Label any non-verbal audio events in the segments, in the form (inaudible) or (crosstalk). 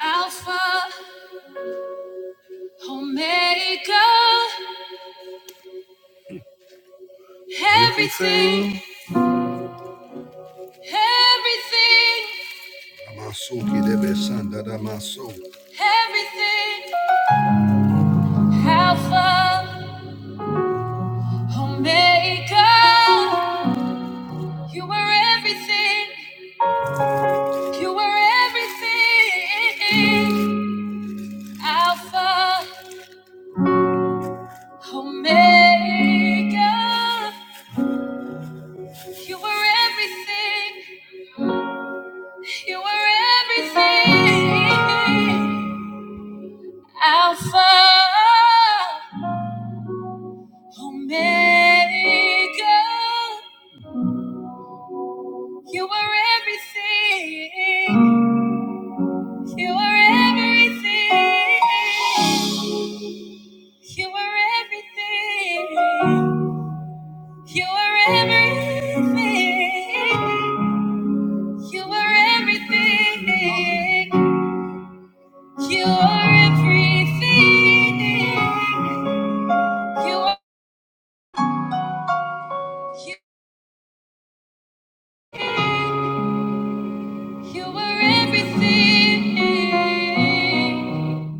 Alpha, Omega, everything, everything, Amasuki debe sanda da maso. everything, Alpha, Omega, you were everything, you were everything, Alpha, Omega, you were everything, you were everything. Alpha, Omega. You are everything. You are everything. You are everything. You are everything. You are everything. You are everything. You are. You were everything.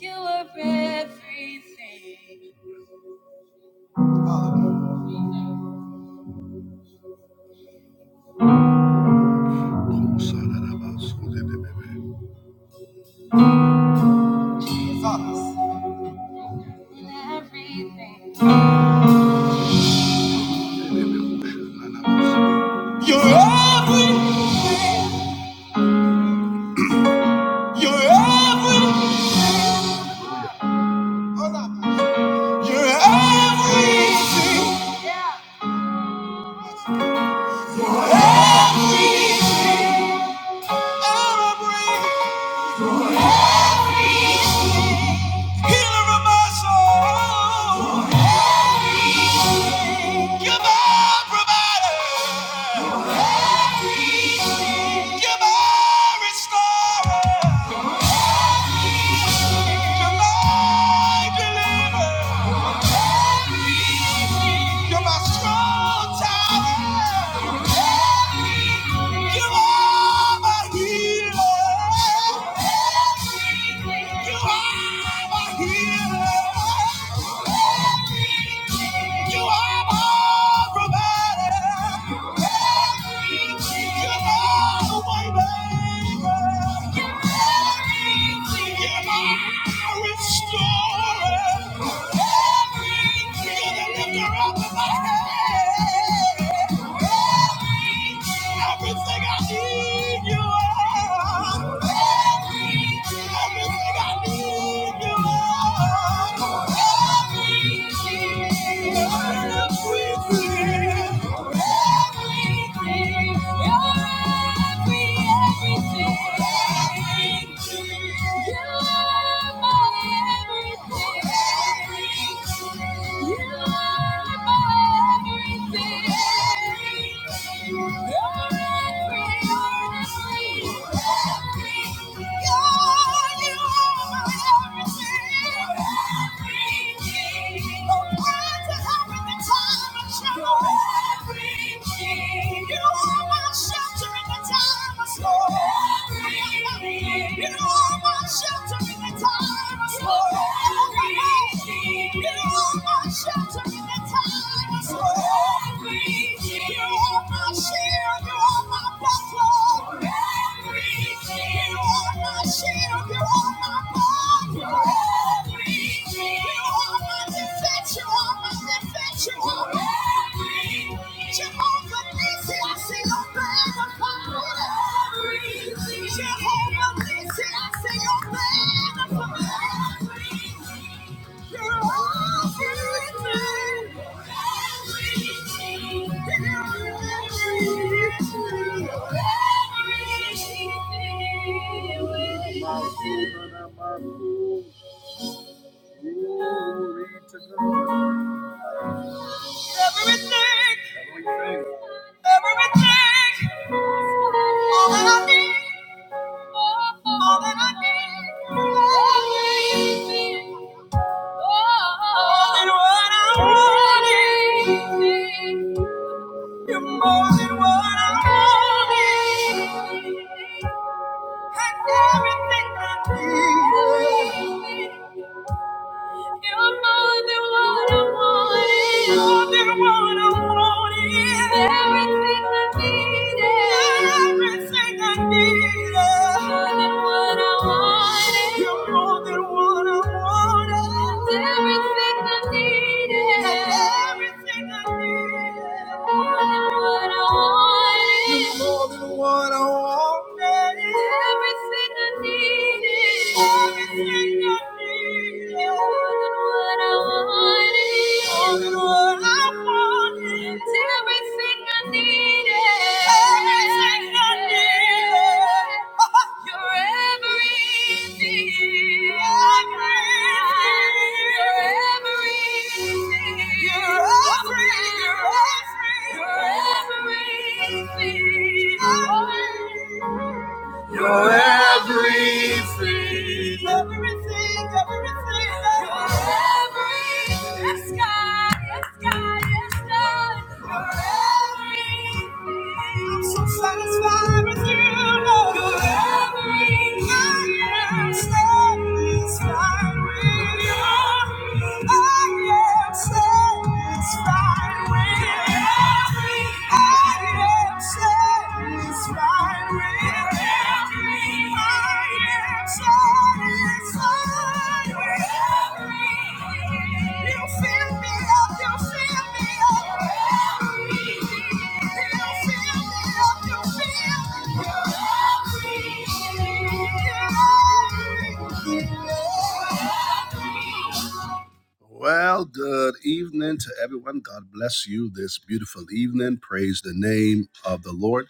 You were everything. You're everything. You're everything. You're everything. Everything. Everything. Healer of my soul. You're my provider. You're my restorer. You're my deliverer. You're my strong tower. You are my healer. You are my healer. You are my provider. You are the way maker. You are my restorer. You're the lifter up of my head. Everything I need, you are. Everything I need. You're everything. Shelter in the time of storm. You are my shelter in the time of storm. Jehovah Nissi, I see your banner for me. Jehovah Nissi, I see your banner for me. Everything. Everything, all that I need, all that I need, everything, more than what I wanted. You're more than what I wanted. And everything I need. You're more than what I wanted. More than what I wanted. Everything I needed. Everything I needed. More than what I wanted. You're more than what I wanted. Everything I needed. Everything I needed. More than what I wanted. You're more than what I wanted. Everything I needed. You're everything. You're everything everything. Everything, everything, everything. You're everything. Yes, God, yes, God, yes, God. You're everything. I'm so satisfied with you, Lord. You're everything. I am satisfied with you. I am satisfied with you. Thank you. Well, good evening to everyone. God bless you this beautiful evening. Praise the name of the Lord.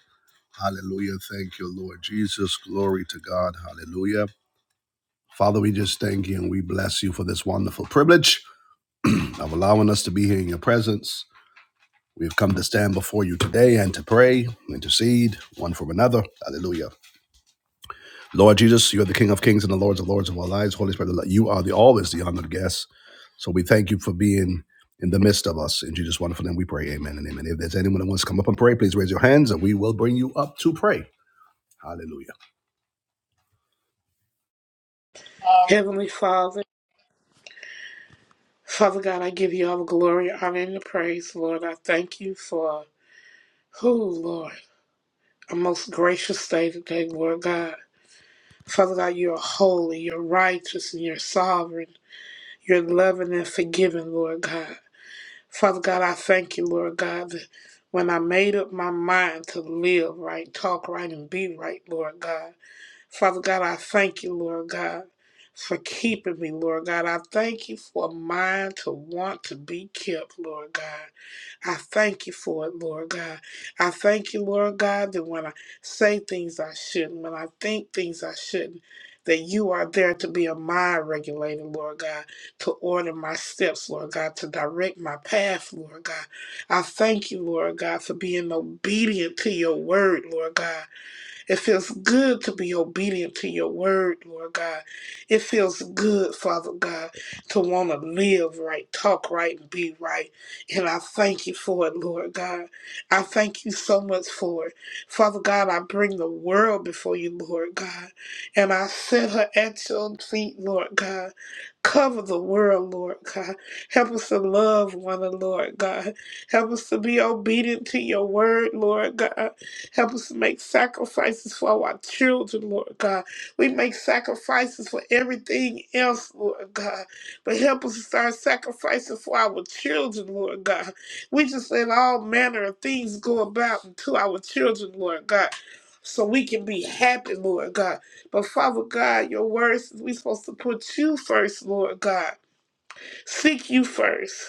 Hallelujah. Thank you, Lord Jesus. Glory to God. Hallelujah. Father, we just thank you and we bless you for this wonderful privilege of allowing us to be here in your presence. We've come to stand before you today and to pray, intercede one for another. Hallelujah. Lord Jesus, you are the King of Kings and the Lords of Lords of our lives. Holy Spirit, you are the always the honored guest. So we thank you for being in the midst of us. In Jesus' wonderful name, we pray. Amen and amen. If there's anyone that wants to come up and pray, please raise your hands and we will bring you up to pray. Hallelujah. Heavenly Father, Father God, I give you all the glory, honor, and the praise, Lord. I thank you for who, Lord, a most gracious day today, Lord God. Father God, you're holy, you're righteous, and you're sovereign. You're loving and forgiving, Lord God. Father God, I thank you, Lord God, that when I made up my mind to live right, talk right, and be right, Lord God. Father God, I thank you, Lord God, for keeping me, Lord God. I thank you for a mind to want to be kept, Lord God. I thank you for it, Lord God. I thank you, Lord God, that when I say things I shouldn't, when I think things I shouldn't, that you are there to be a mind regulator, Lord God, to order my steps, Lord God, to direct my path, Lord God. I thank you, Lord God, for being obedient to your word, Lord God. It feels good to be obedient to your word, Lord God. It feels good, Father God, to want to live right, talk right, and be right. And I thank you for it, Lord God. I thank you so much for it. Father God, I bring the world before you, Lord God. And I set her at your feet, Lord God. Cover the world, Lord God. Help us to love one another, Lord God. Help us to be obedient to your word, Lord God. Help us to make sacrifices for our children, Lord God. We make sacrifices for everything else, Lord God. But help us to start sacrificing for our children, Lord God. We just let all manner of things go about unto our children, Lord God. So we can be happy, Lord God. But Father God, your words, we are supposed to put you first, Lord God. Seek you first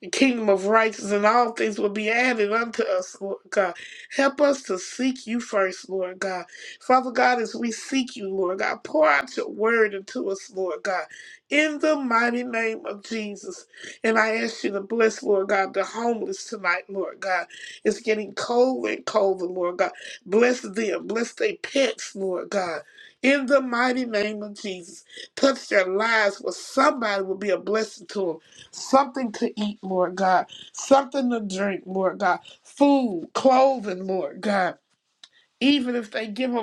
the kingdom of righteousness, and all things will be added unto us, Lord God. Help us to seek you first, Lord God. Father God, as we seek you, Lord God, pour out your word into us, Lord God, in the mighty name of Jesus. And I ask you to bless, Lord God, the homeless tonight, Lord God. It's getting colder and colder, Lord God. Bless them, bless their pets, Lord God. In the mighty name of Jesus, touch their lives where somebody will be a blessing to them something to eat, Lord God, something to drink, Lord God, food, clothing, Lord God. Even if they give them.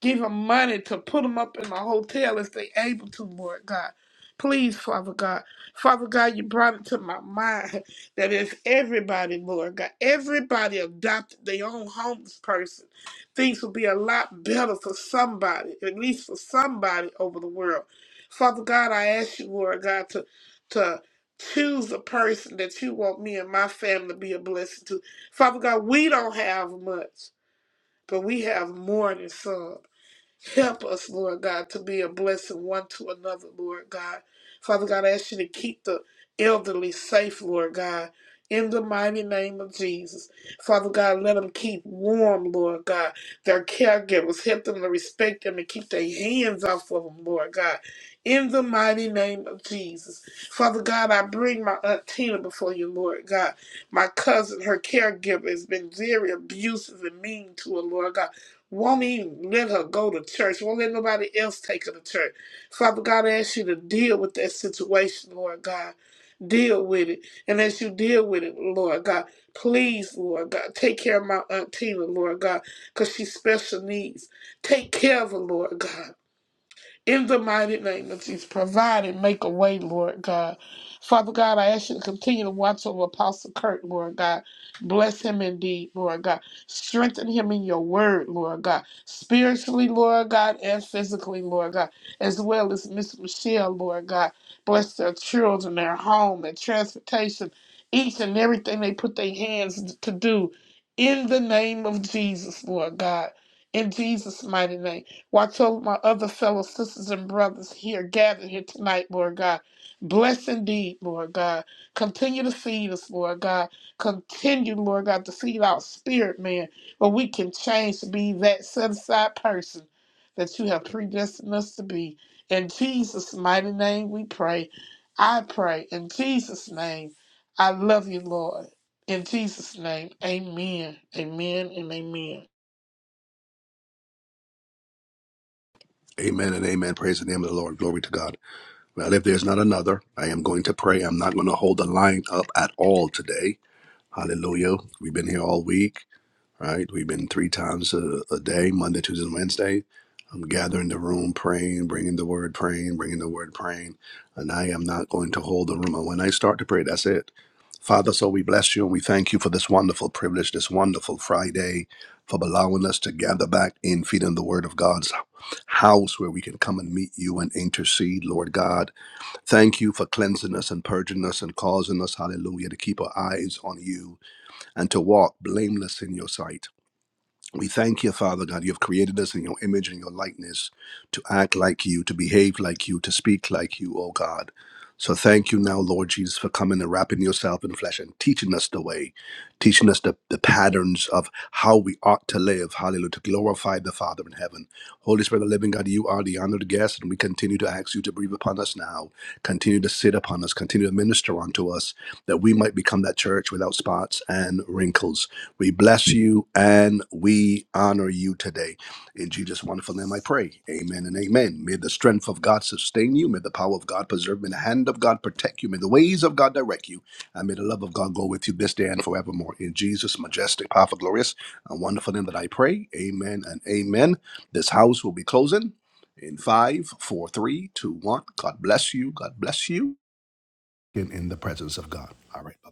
Give them money to put them up in a hotel if they able to, Lord God. Please, Father God. Father God, you brought it to my mind (laughs) that if everybody, Lord God, everybody adopted their own homeless person, things would be a lot better for somebody, at least for somebody over the world. Father God, I ask you, Lord God, to to choose the person that you want me and my family to be a blessing to. Father God, we don't have much, but we have more than some. Help us, Lord God, to be a blessing one to another, Lord God. Father God, I ask you to keep the elderly safe, Lord God. In the mighty name of Jesus. Father God, let them keep warm, Lord God. Their caregivers, help them to respect them and keep their hands off of them, Lord God. In the mighty name of Jesus. Father God, I bring my Aunt Tina before you, Lord God. My cousin, her caregiver, has been very abusive and mean to her, Lord God. Won't even let her go to church. Won't let nobody else take her to church. Father God, I ask you to deal with that situation, Lord God. Deal with it. And as you deal with it, Lord God, please, Lord God, take care of my Aunt Tina, Lord God, because she special needs. Take care of her, Lord God. In the mighty name of Jesus, provide and make a way, Lord God. Father God, I ask you to continue to watch over Apostle Kurt, Lord God. Bless him indeed, Lord God. Strengthen him in your word, Lord God. Spiritually, Lord God, and physically, Lord God. As well as Miss Michelle, Lord God. Bless their children, their home, their transportation, each and everything they put their hands to do. In the name of Jesus, Lord God. In Jesus' mighty name. Watch over my other fellow sisters and brothers here gathered here tonight, Lord God. Bless indeed, Lord God. Continue to feed us, Lord God. Continue, Lord God, to feed our spirit, man, where we can change to be that set aside person that you have predestined us to be. In Jesus' mighty name we pray. I pray in Jesus' name. I love you, Lord. In Jesus' name, amen, amen, and amen. Amen and amen. Praise the name of the Lord. Glory to God. Well, if there's not another, I am going to pray. I'm not going to hold the line up at all today. Hallelujah. We've been here all week. right? We've been three times a, a day, Monday, Tuesday, and Wednesday. I'm gathering the room, praying, bringing the word, praying, bringing the word, praying. And I am not going to hold the room. And when I start to pray, that's it. Father, so we bless you and we thank you for this wonderful privilege, this wonderful Friday, for allowing us to gather back in, feeding the word of God's house where we can come and meet you and intercede, Lord God. Thank you for cleansing us and purging us and causing us, hallelujah, to keep our eyes on you and to walk blameless in your sight. We thank you, Father God. You have created us in your image and your likeness to act like you, to behave like you, to speak like you, oh God. So thank you now, Lord Jesus, for coming and wrapping yourself in flesh and teaching us the way, teaching us the, the patterns of how we ought to live. Hallelujah. To glorify the Father in heaven. Holy Spirit, of the living God, you are the honored guest, and we continue to ask you to breathe upon us now. Continue to sit upon us, continue to minister unto us, that we might become that church without spots and wrinkles. We bless you and we honor you today. In Jesus' wonderful name I pray. Amen and amen. May the strength of God sustain you. May the power of God preserve you. May the hand of God protect you. May the ways of God direct you. And may the love of God go with you this day and forevermore. In Jesus' majestic, powerful, glorious, and wonderful name that I pray. Amen and amen. This house will be closing in five, four, three, two, one. God bless you. God bless you. In, in the presence of God. All right. Bye.